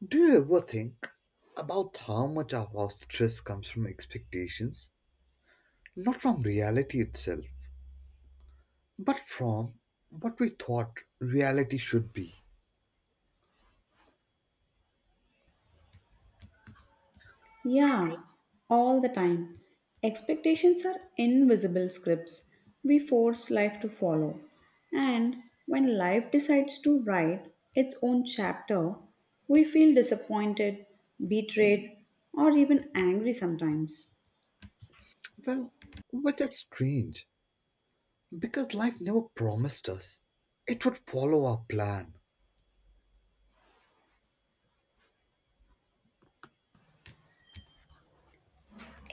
Do you ever think about how much of our stress comes from expectations? Not from reality itself, but from what we thought reality should be. Yeah, all the time. Expectations are invisible scripts we force life to follow. And when life decides to write its own chapter, we feel disappointed, betrayed, or even angry sometimes. Well, which is strange because life never promised us it would follow our plan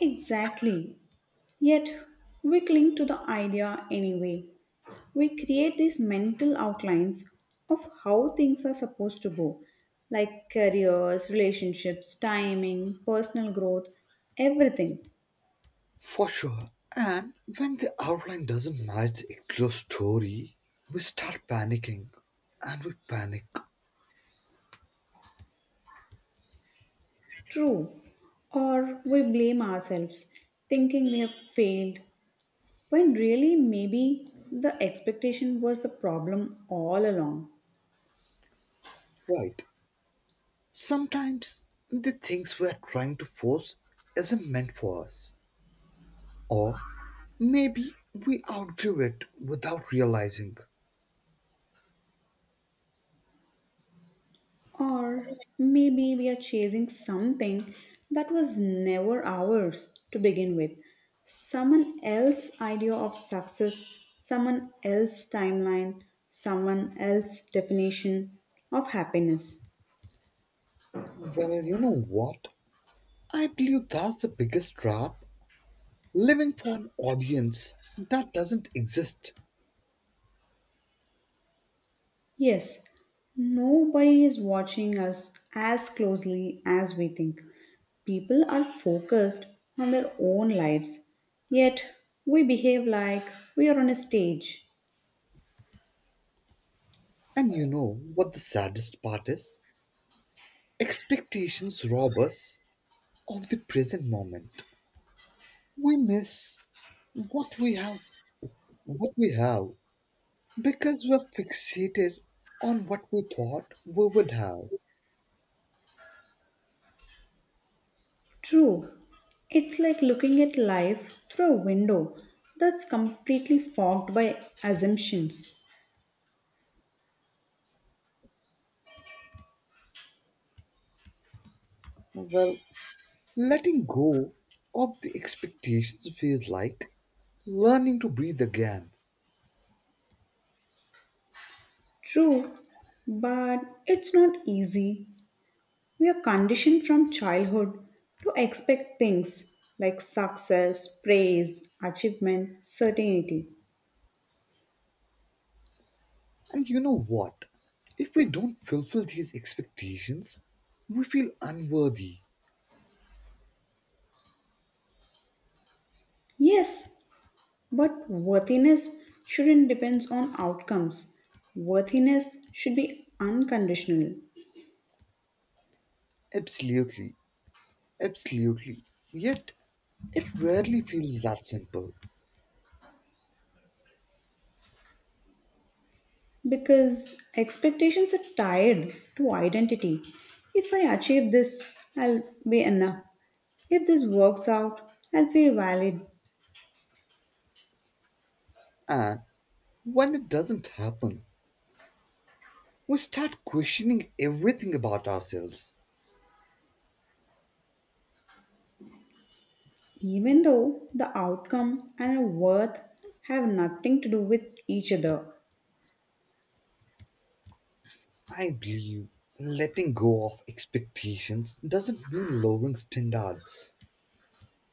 Exactly. Yet we cling to the idea anyway, we create these mental outlines of how things are supposed to go, like careers, relationships, timing, personal growth, everything. for sure. And when the outline doesn't match the actual story, we start panicking and we panic, True. Or we blame ourselves, thinking we have failed, when really maybe the expectation was the problem all along. right? Sometimes the things we are trying to force isn't meant for us. Or maybe we outgrew it without realizing. Or maybe we are chasing something that was never ours to begin with. Someone else's idea of success, someone else's timeline, someone else's definition of happiness. Well, you know what? I believe that's the biggest trap, living for an audience that doesn't exist. Yes, nobody is watching us as closely as we think. People are focused on their own lives, yet we behave like we are on a stage. And you know what the saddest part is? Expectations rob us of the present moment. We miss what we have, what we have because we're fixated on what we thought we would have. True. It's like looking at life through a window that's completely fogged by assumptions. Well, letting go of the expectations feels like learning to breathe again. True, but it's not easy. We are conditioned from childhood to expect things like success, praise, achievement, certainty. And you know what? If we don't fulfill these expectations, we feel unworthy. Yes, but worthiness shouldn't depend on outcomes. Worthiness should be unconditional. Absolutely, absolutely. Yet, it rarely feels that simple. Because expectations are tied to identity. If I achieve this, I'll be enough. If this works out, I'll feel valid, And when it doesn't happen, we start questioning everything about ourselves. even though the outcome and our worth have nothing to do with each other. I believe letting go of expectations doesn't mean lowering standards.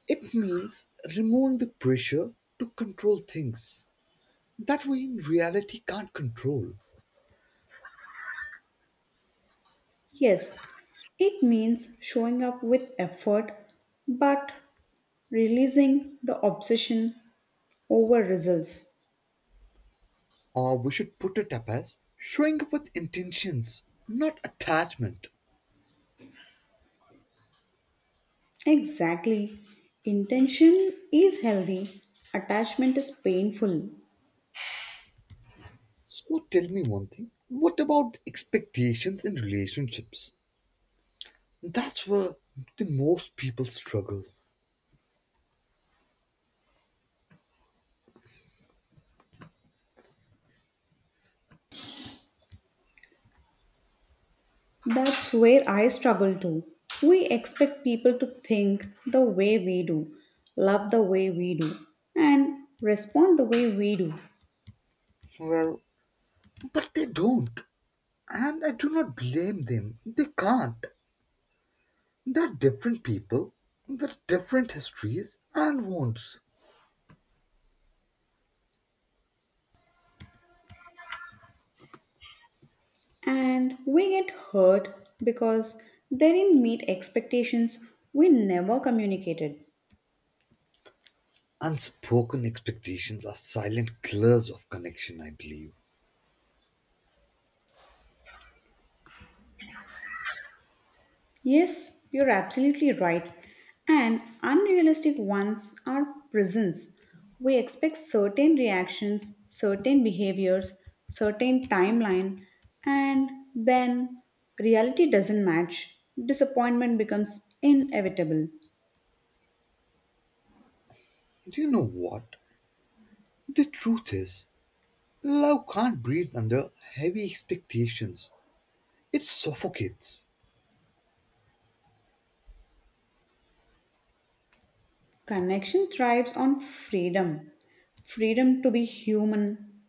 It means removing the pressure to control things that we in reality can't control. Yes, it means showing up with effort but releasing the obsession over results. Or we should put it up as showing up with intentions, not attachment. Exactly. Intention is healthy, attachment is painful. So tell me one thing, what about expectations in relationships? That's where the most people struggle. That's where I struggle too. We expect people to think the way we do, love the way we do, and respond the way we do. Well, but they don't. And I do not blame them. They can't. They're different people with different histories and wants. And we get hurt because they didn't meet expectations we never communicated. Unspoken expectations are silent killers of connection, I believe. Yes, you're absolutely right. And unrealistic ones are prisons. We expect certain reactions, certain behaviors, certain timeline, and then reality doesn't match. Disappointment becomes inevitable. Do you know what? The truth is, love can't breathe under heavy expectations. It suffocates. Connection thrives on freedom freedom to be human,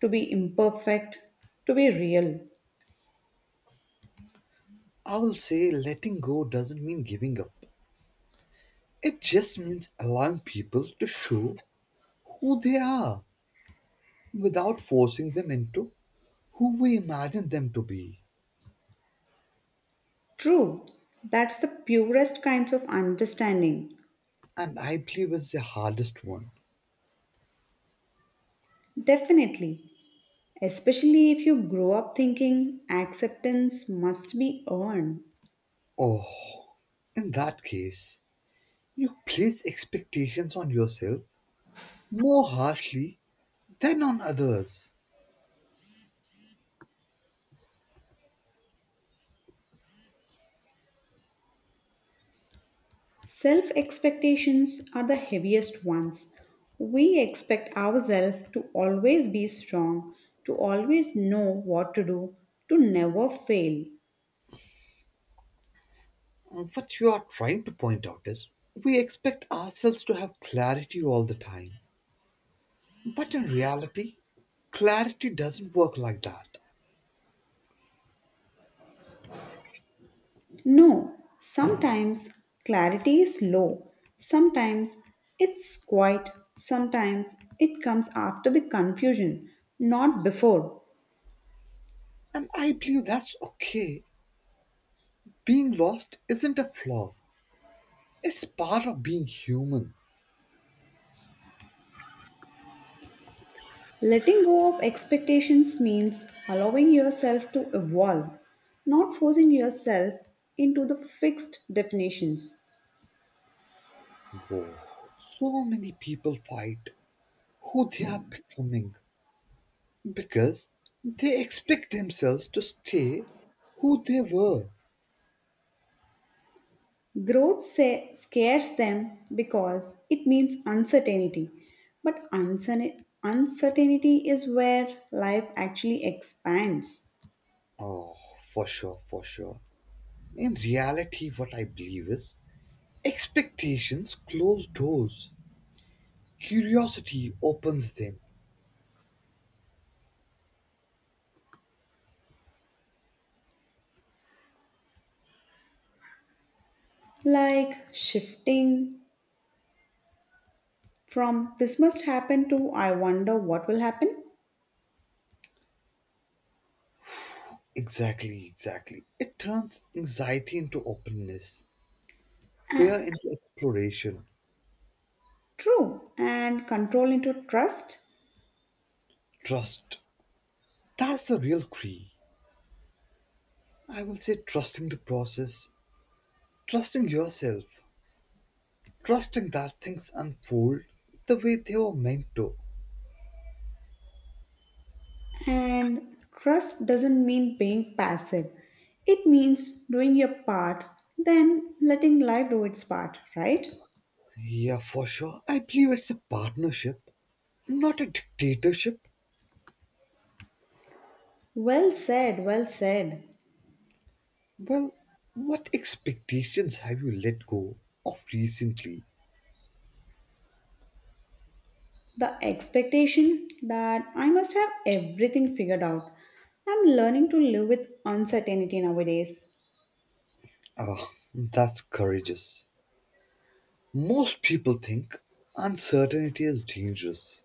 to be imperfect, to be real. I will say letting go doesn't mean giving up. It just means allowing people to show who they are without forcing them into who we imagine them to be. True, that's the purest kinds of understanding. And I believe it's the hardest one. Definitely. Especially if you grow up thinking acceptance must be earned. Oh, in that case, you place expectations on yourself more harshly than on others. Self expectations are the heaviest ones. We expect ourselves to always be strong, to always know what to do, to never fail. What you are trying to point out is we expect ourselves to have clarity all the time. But in reality, clarity doesn't work like that. No, sometimes clarity is low, sometimes it's quiet, sometimes it comes after the confusion, not before. And I believe that's okay. Being lost isn't a flaw, it's part of being human. Letting go of expectations means allowing yourself to evolve, not forcing yourself into the fixed definitions. Whoa. So many people fight who they are becoming because they expect themselves to stay who they were. Growth scares them because it means uncertainty, but uncertainty is where life actually expands. Oh, for sure, for sure. In reality, what I believe is expectations close doors, curiosity opens them. Like shifting from this must happen to I wonder what will happen. Exactly, exactly. It turns anxiety into openness, fear And, into exploration, true, and control into trust. trust. That's the real key. I will say trusting the process, trusting yourself, trusting that things unfold the way they were meant to. And trust doesn't mean being passive, it means doing your part, then letting life do its part, right? Yeah, for sure. I believe it's a partnership, not a dictatorship. Well said, well said. Well, what expectations have you let go of recently? The expectation that I must have everything figured out. I'm learning to live with uncertainty nowadays. Ah, that's courageous. Most people think uncertainty is dangerous.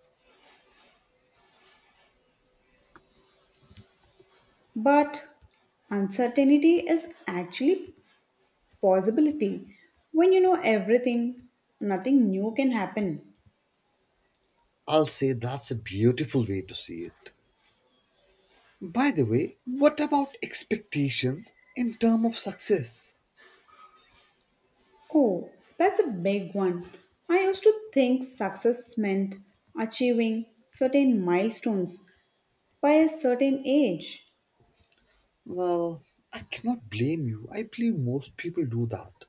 But uncertainty is actually possibility. When you know everything, nothing new can happen. I'll say that's a beautiful way to see it. By the way, what about expectations in terms of success? Oh, that's a big one. I used to think success meant achieving certain milestones by a certain age, Well, I cannot blame you. I believe most people do that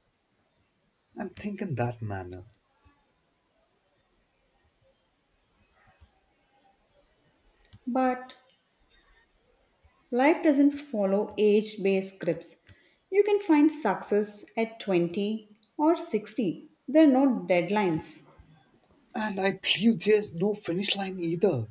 and think in that manner. but life doesn't follow age based scripts. You can find success at 20 or 60, there are no deadlines. And I believe there's no finish line either.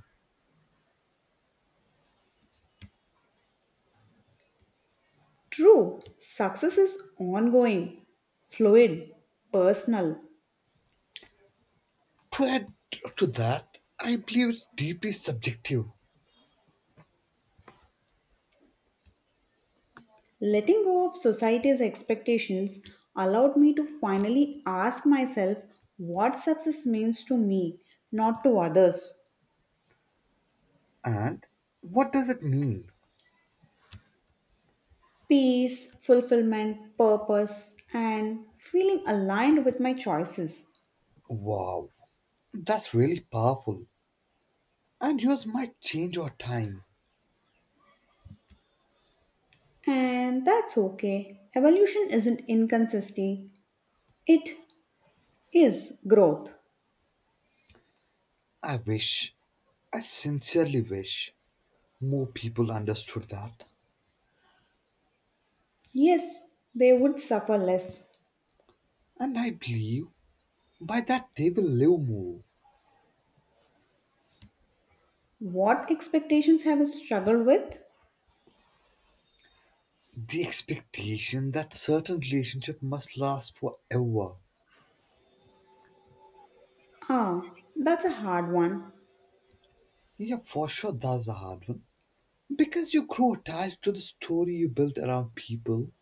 True, success is ongoing, fluid, personal. To add to that, I believe it's deeply subjective. Letting go of society's expectations allowed me to finally ask myself what success means to me, not to others. And what does it mean? Peace, fulfillment, purpose, and feeling aligned with my choices. Wow, that's really powerful. And yours might change over time. And that's okay. Evolution isn't inconsistency, it is growth. I wish, I sincerely wish, more people understood that. Yes, they would suffer less. And I believe by that they will live more. What expectations have I struggled with? The expectation that certain relationship must last forever. Ah, that's a hard one. Yeah, for sure that's a hard one. Because you grow attached to the story you built around people,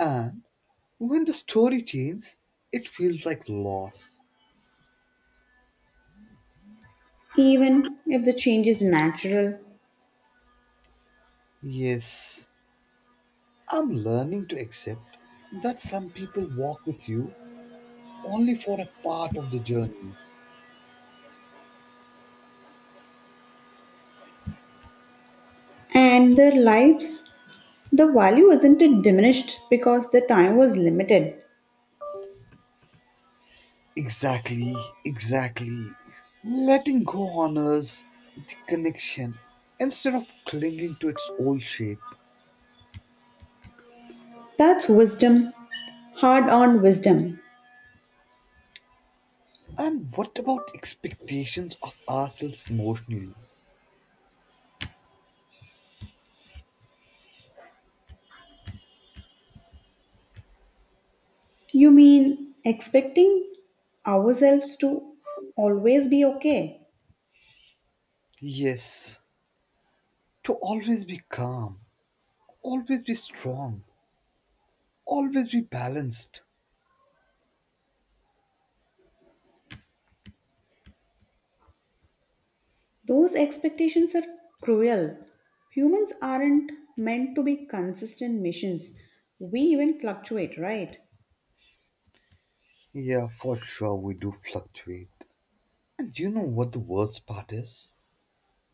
and when the story changes, it feels like loss. Even if the change is natural Yes, I'm learning to accept that some people walk with you only for a part of the journey. and their lives the value isn't it diminished because the time was limited, Exactly, exactly. Letting go honors the connection instead of clinging to its old shape. that's wisdom, hard earned wisdom. And what about expectations of ourselves emotionally? You mean expecting ourselves to always be okay? Yes, to always be calm, always be strong, always be balanced. Those expectations are cruel, humans aren't meant to be consistent missions, we even fluctuate, right? Yeah, for sure, we do fluctuate. And you know what the worst part is?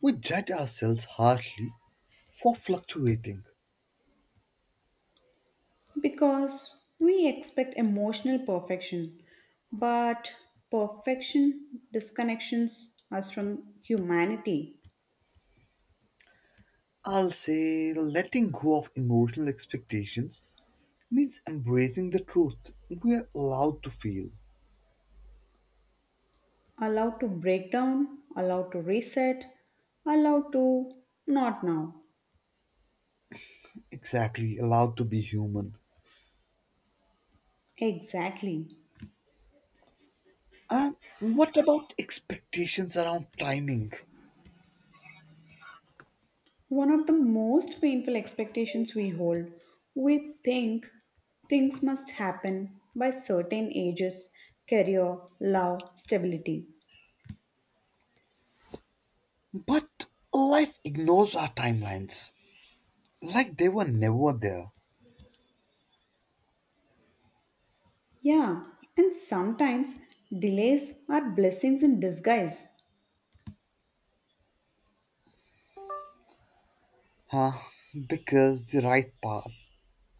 We judge ourselves harshly for fluctuating. Because we expect emotional perfection, but perfection disconnections us from humanity. I'll say letting go of emotional expectations means embracing the truth. We're allowed to feel, Allowed to break down, allowed to reset, allowed to not now. exactly, allowed to be human. Exactly. And what about expectations around timing? One of the most painful expectations we hold, we think things must happen by certain ages, career, love, stability. But life ignores our timelines. Like they were never there. Yeah, and sometimes delays are blessings in disguise, Huh? Because the right path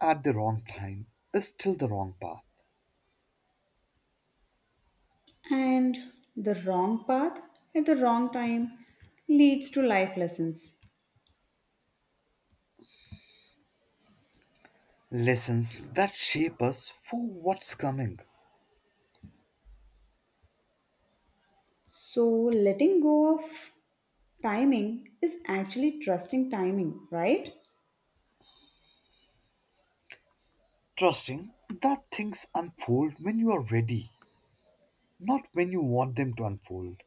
at the wrong time is still the wrong path. and the wrong path at the wrong time leads to life lessons. Lessons that shape us for what's coming. So, letting go of timing is actually trusting timing, right? Trusting that things unfold when you are ready, not when you want them to unfold.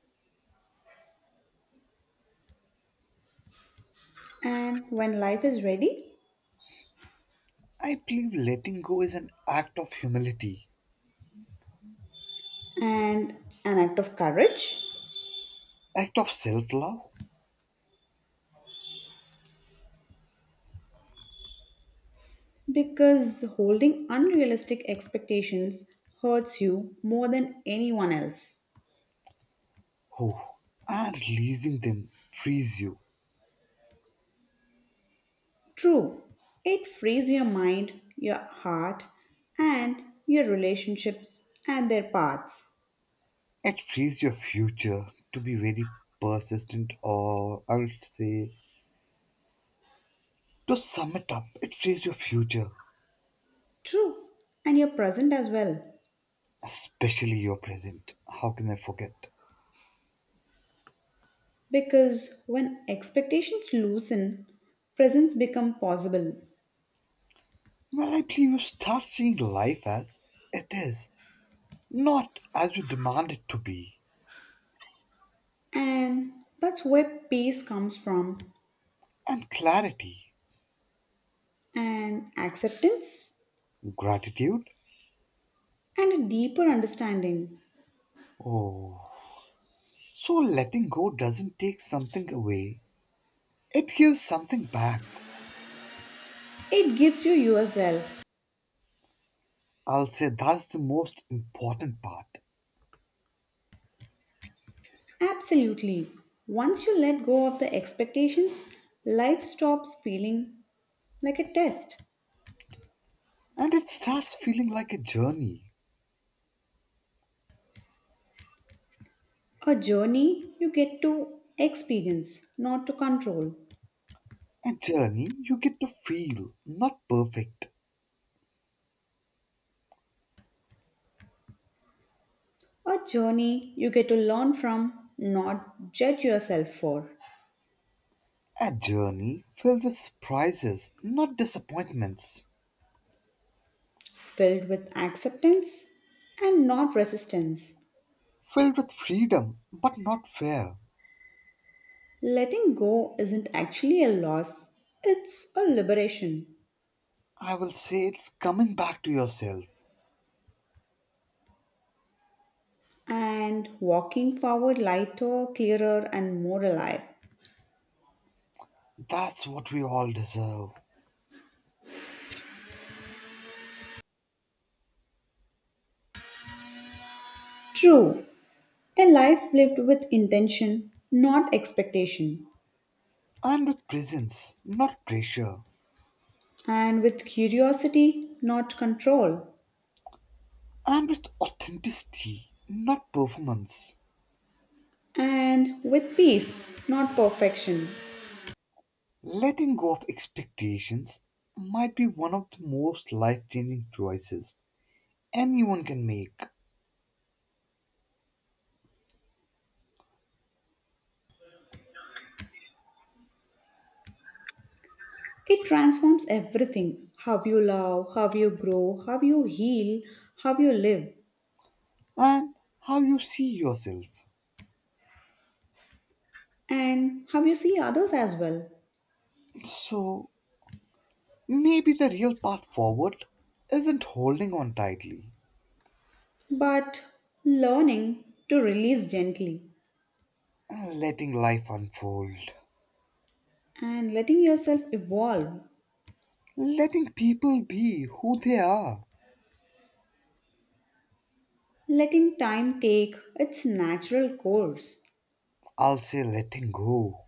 And when life is ready, I believe letting go is an act of humility, and an act of courage, act of self love. because holding unrealistic expectations hurts you more than anyone else. Oh, and releasing them frees you. True, it frees your mind, your heart, and your relationships and their paths. It frees your future to be very persistent, or I would say, to sum it up, it says your future, True, and your present as well. especially your present. How can I forget? Because when expectations loosen, presence become possible. Well, I believe you start seeing life as it is, not as you demand it to be. And that's where peace comes from, And clarity, and acceptance, gratitude. and a deeper understanding. Oh, so letting go doesn't take something away, it gives something back. It gives you yourself. I'll say that's the most important part. Absolutely. Once you let go of the expectations, life stops feeling like a test. And it starts feeling like a journey. A journey you get to experience, not to control. A journey you get to feel, not perfect. A journey you get to learn from, not judge yourself for. A journey filled with surprises, not disappointments. Filled with acceptance and not resistance. Filled with freedom, but not fear. Letting go isn't actually a loss, it's a liberation. I will say it's coming back to yourself. And walking forward lighter, clearer, and more alive. That's what we all deserve. True, a life lived with intention, not expectation, And with presence, not pressure. and with curiosity, not control, And with authenticity, not performance. and with peace, not perfection. Letting go of expectations might be one of the most life changing choices anyone can make. It transforms everything how you love, how you grow, how you heal, how you live, And how you see yourself. and how you see others as well. So, maybe the real path forward isn't holding on tightly But learning to release gently and letting life unfold. and letting yourself evolve, Letting people be who they are. letting time take its natural course I'll say letting go.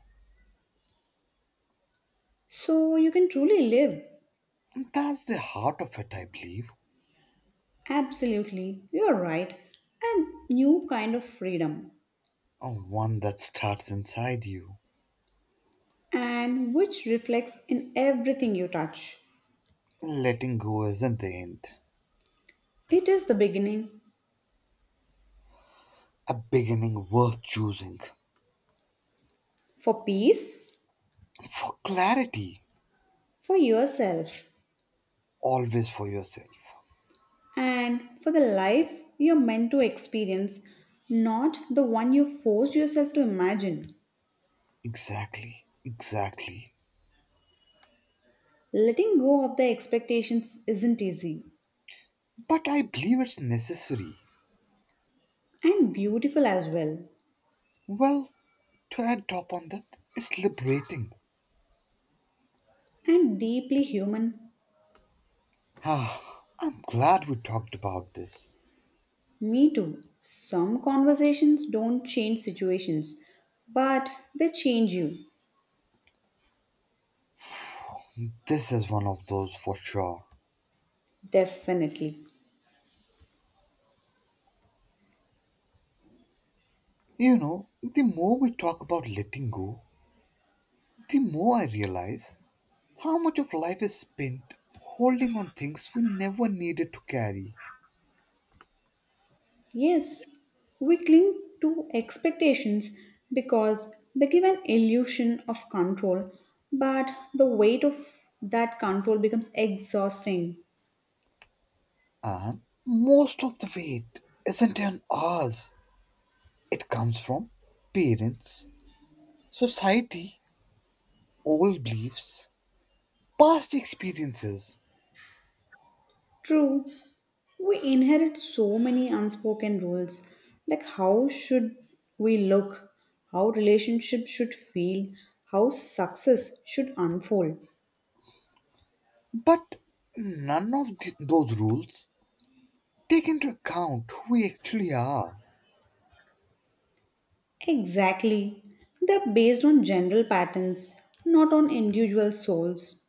so you can truly live. That's the heart of it, I believe. Absolutely, you're right. A new kind of freedom. One that starts inside you. And which reflects in everything you touch. Letting go isn't the end. It is the beginning A beginning worth choosing. for peace, For clarity, for yourself, always for yourself. and for the life you're meant to experience, not the one you forced yourself to imagine. Exactly, exactly. Letting go of the expectations isn't easy But I believe it's necessary. and beautiful as well, Well, to add top on that, it's liberating. and deeply human. Ah, I'm glad we talked about this. Me too. Some conversations don't change situations, but they change you, This is one of those for sure. definitely. You know, the more we talk about letting go, the more I realize how much of life is spent holding on things we never needed to carry. Yes, we cling to expectations because they give an illusion of control, but the weight of that control becomes exhausting. And most of the weight isn't on ours, it comes from parents, society, old beliefs, past experiences. True, we inherit so many unspoken rules like how should we look, how relationships should feel, how success should unfold. But none of those rules take into account who we actually are, Exactly, they're based on general patterns, not on individual souls.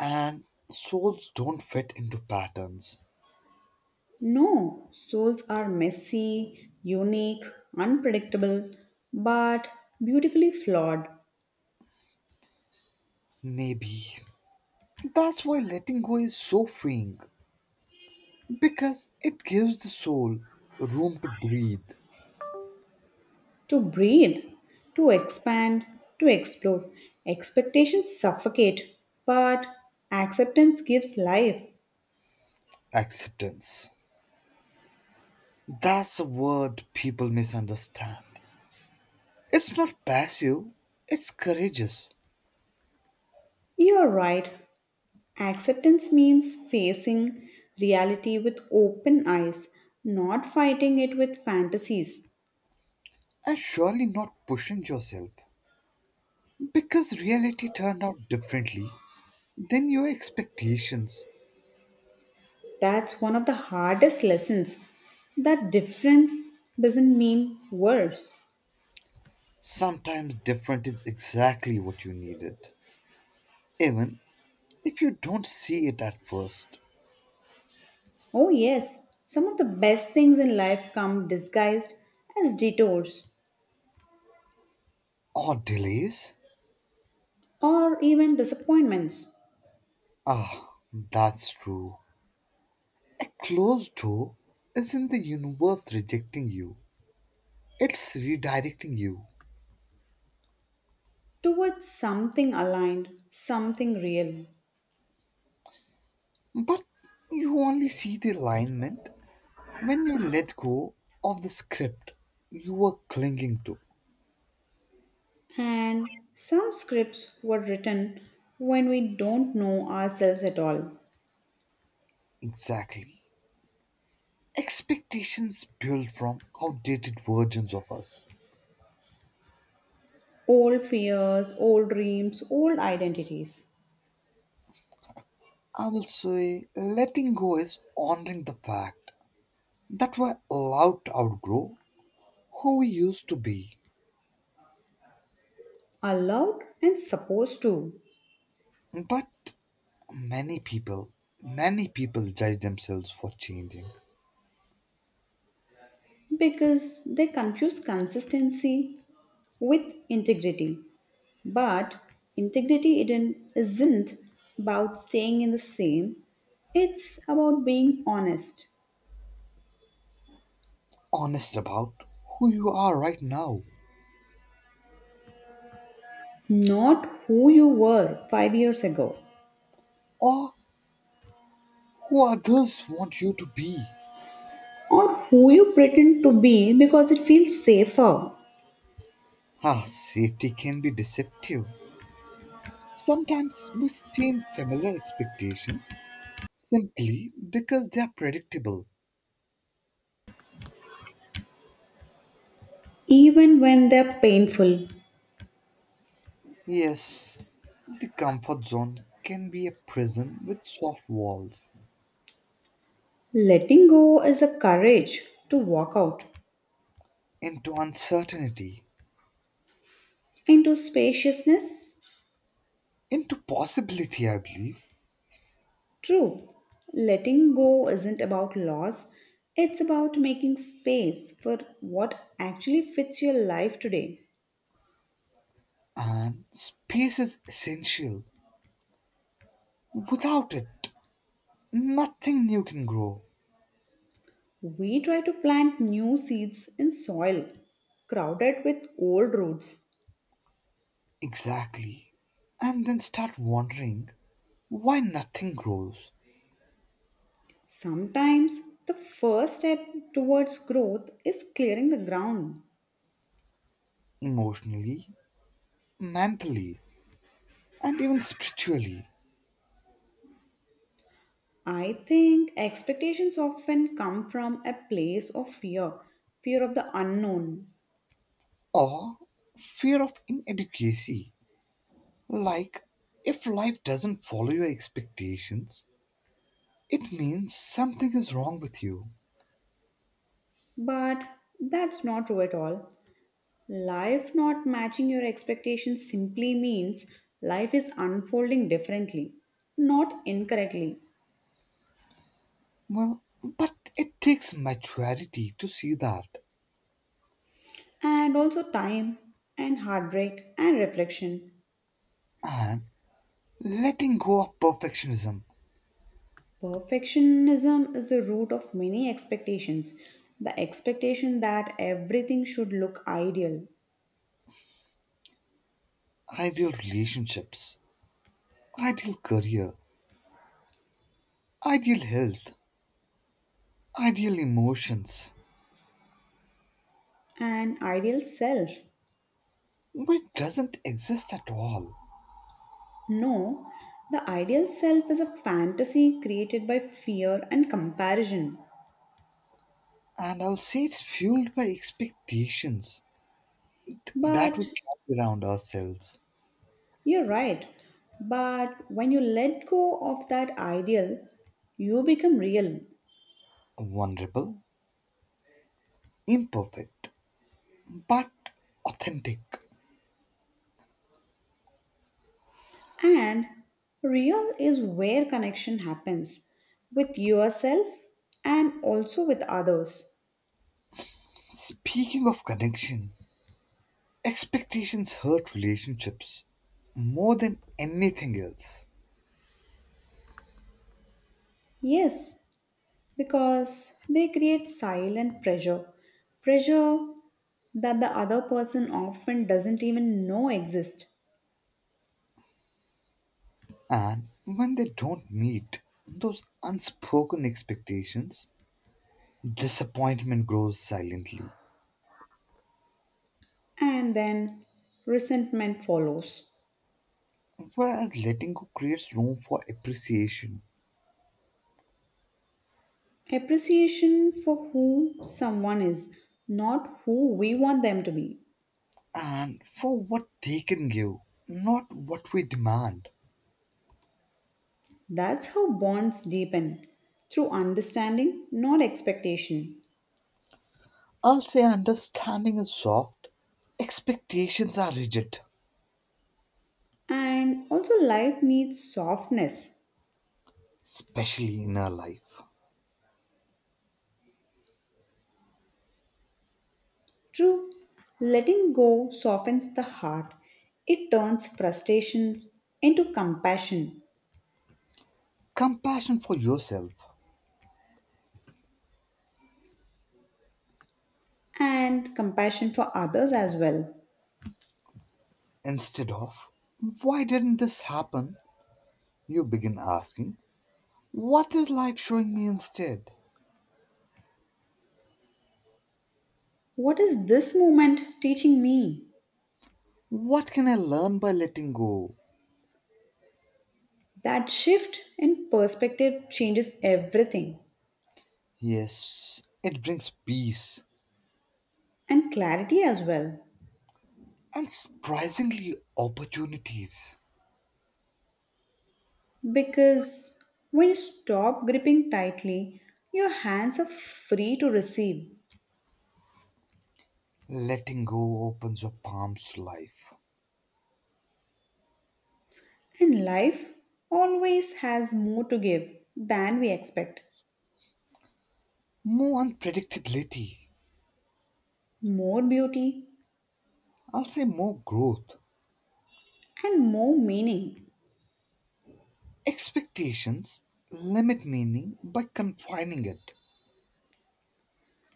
and souls don't fit into patterns. No, souls are messy, unique, unpredictable, but beautifully flawed. Maybe that's why letting go is so freeing, because it gives the soul room to breathe. To breathe, to expand, to explore. Expectations suffocate, but acceptance gives life. Acceptance. That's a word people misunderstand. It's not passive, it's courageous, You're right. Acceptance means facing reality with open eyes, not fighting it with fantasies. and surely not pushing yourself. Because reality turned out differently then your expectations. That's one of the hardest lessons. That difference doesn't mean worse. Sometimes different is exactly what you needed. Even if you don't see it at first. Oh, yes, some of the best things in life come disguised as detours Or delays? or even disappointments Ah, that's true. A closed door isn't the universe rejecting you, it's redirecting you. towards something aligned, something real. But you only see the alignment when you let go of the script you were clinging to. And some scripts were written when we don't know ourselves at all. Exactly. Expectations built from outdated versions of us. Old fears, old dreams, old identities. I will say letting go is honoring the fact that we're allowed to outgrow who we used to be. Allowed and supposed to, But many people, many people judge themselves for changing. because they confuse consistency with integrity. But integrity isn't about staying in the same, it's about being honest, Honest about who you are right now not who you were 5 years ago or who others want you to be. or who you pretend to be because it feels safer, Ah, safety can be deceptive. Sometimes we stay in familiar expectations simply because they are predictable. even when they're painful. Yes, the comfort zone can be a prison with soft walls, Letting go is the courage to walk out into uncertainty, into spaciousness. into possibility, I believe. True, letting go isn't about loss, it's about making space for what actually fits your life today. And space is essential. Without it, nothing new can grow. We try to plant new seeds in soil crowded with old roots. Exactly. And then start wondering why nothing grows Sometimes the first step towards growth is clearing the ground. emotionally, mentally, and even spiritually, I think expectations often come from a place of fear, fear of the unknown. or fear of inadequacy. Like, if life doesn't follow your expectations, it means something is wrong with you. But that's not true at all. Life not matching your expectations simply means life is unfolding differently, not incorrectly. Well, but it takes maturity to see that And also time and heartbreak and reflection. and letting go of perfectionism, Perfectionism is the root of many expectations. The expectation that everything should look ideal, ideal relationships, ideal career, ideal health, ideal emotions, an ideal self. which doesn't exist at all. No, the ideal self is a fantasy created by fear and comparison. And I'll say it's fueled by expectations But that we carry around ourselves, you're right. But when you let go of that ideal, you become real. vulnerable, imperfect but authentic. And real is where connection happens with yourself and also with others. Speaking of connection, expectations hurt relationships more than anything else. Yes, because they create silent pressure. Pressure that the other person often doesn't even know exists. And when they don't meet those unspoken expectations, disappointment grows silently. And then resentment follows. Whereas letting go creates room for appreciation Appreciation for who someone is, not who we want them to be. and for what they can give, not what we demand. That's how bonds deepen through understanding, not expectation. I'll say understanding is soft, expectations are rigid, And also, life needs softness. especially in our life. True, letting go softens the heart, it turns frustration into compassion Compassion for yourself. and compassion for others as well. Instead of, why didn't this happen? You begin asking, what is life showing me instead? What is this moment teaching me? What can I learn by letting go? That shift in perspective changes everything. Yes, it brings peace And clarity as well. and surprisingly opportunities. Because when you stop gripping tightly, your hands are free to receive, Letting go opens your palms to life. and life always has more to give than we expect, More unpredictability. more beauty I'll say more growth. and more meaning. Expectations limit meaning by confining it.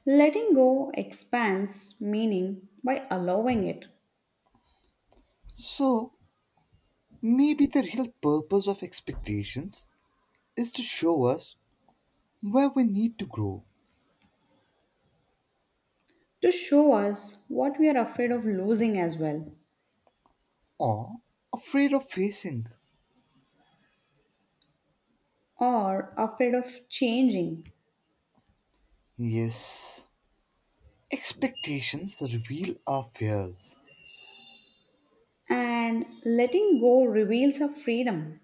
Letting go expands meaning by allowing it So maybe the real purpose of expectations is to show us where we need to grow, to show us what we are afraid of losing as well or afraid of facing. or afraid of changing. Yes, expectations reveal our fears. And letting go reveals our freedom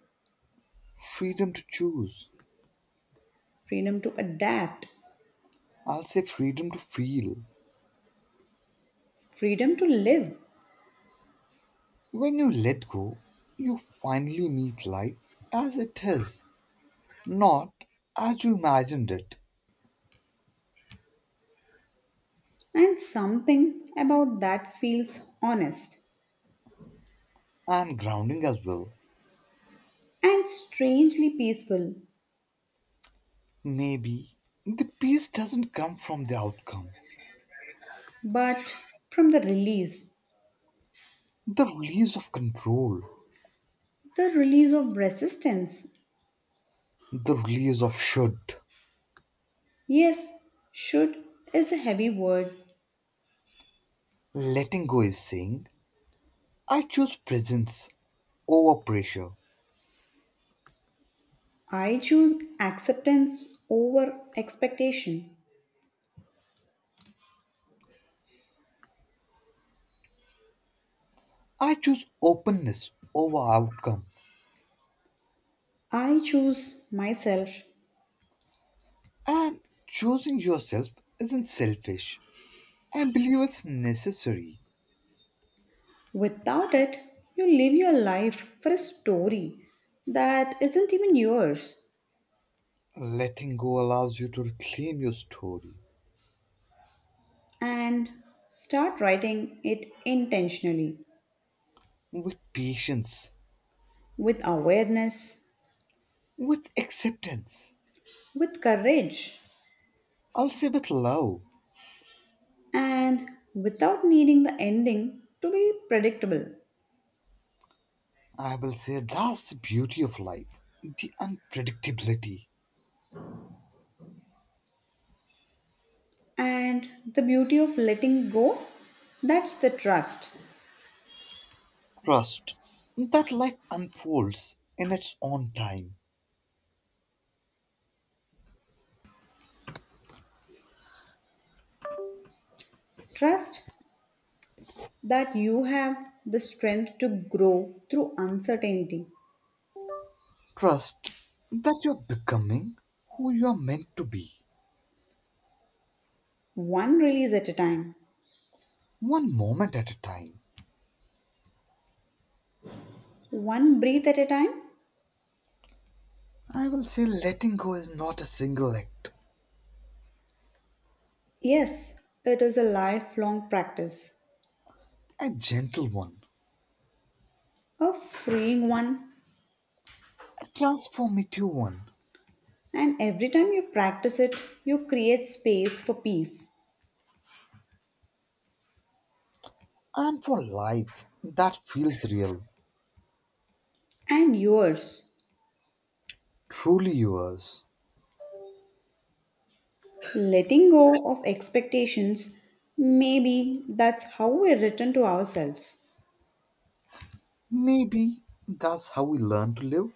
Freedom to choose. freedom to adapt, I'll say freedom to feel. freedom to live. When you let go, you finally meet life as it is, not as you imagined it, And something about that feels honest and grounding as well. and strangely peaceful. Maybe the peace doesn't come from the outcome, But from the release of control, the release of resistance. the release of should. Yes, should is a heavy word. Letting go is saying, I choose presence over pressure. I choose acceptance over expectation. I choose openness over outcome. I choose myself. And choosing yourself isn't selfish. I believe it's necessary. Without it, you live your life for a story that isn't even yours. Letting go allows you to reclaim your story And start writing it intentionally with patience, with awareness, with acceptance. with courage, I'll say with love. and without needing the ending to be predictable. I will say that's the beauty of life, the unpredictability. And the beauty of letting go that's the trust. Trust that life unfolds in its own time. Trust that you have the strength to grow through uncertainty, Trust that you're becoming who you're meant to be, one release at a time, one moment at a time. one breath at a time. I will say letting go is not a single act, Yes, it is a lifelong practice, a gentle one, a freeing one. a transformative one, And every time you practice it, you create space for peace and for life that feels real, and yours. truly yours. Letting go of expectations, maybe that's how we return to ourselves. Maybe that's how we learn to live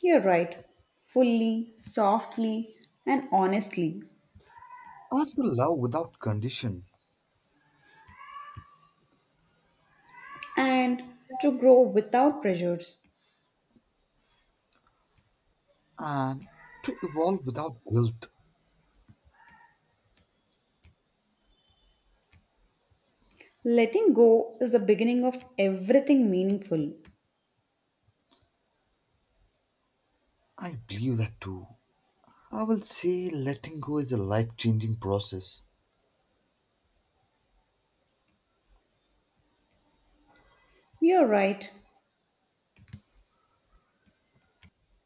You're right, fully, softly, and honestly, and to love without condition and to grow without pressures. and to evolve without guilt. Letting go is the beginning of everything meaningful. I believe that too. I will say letting go is a life changing process. You're right.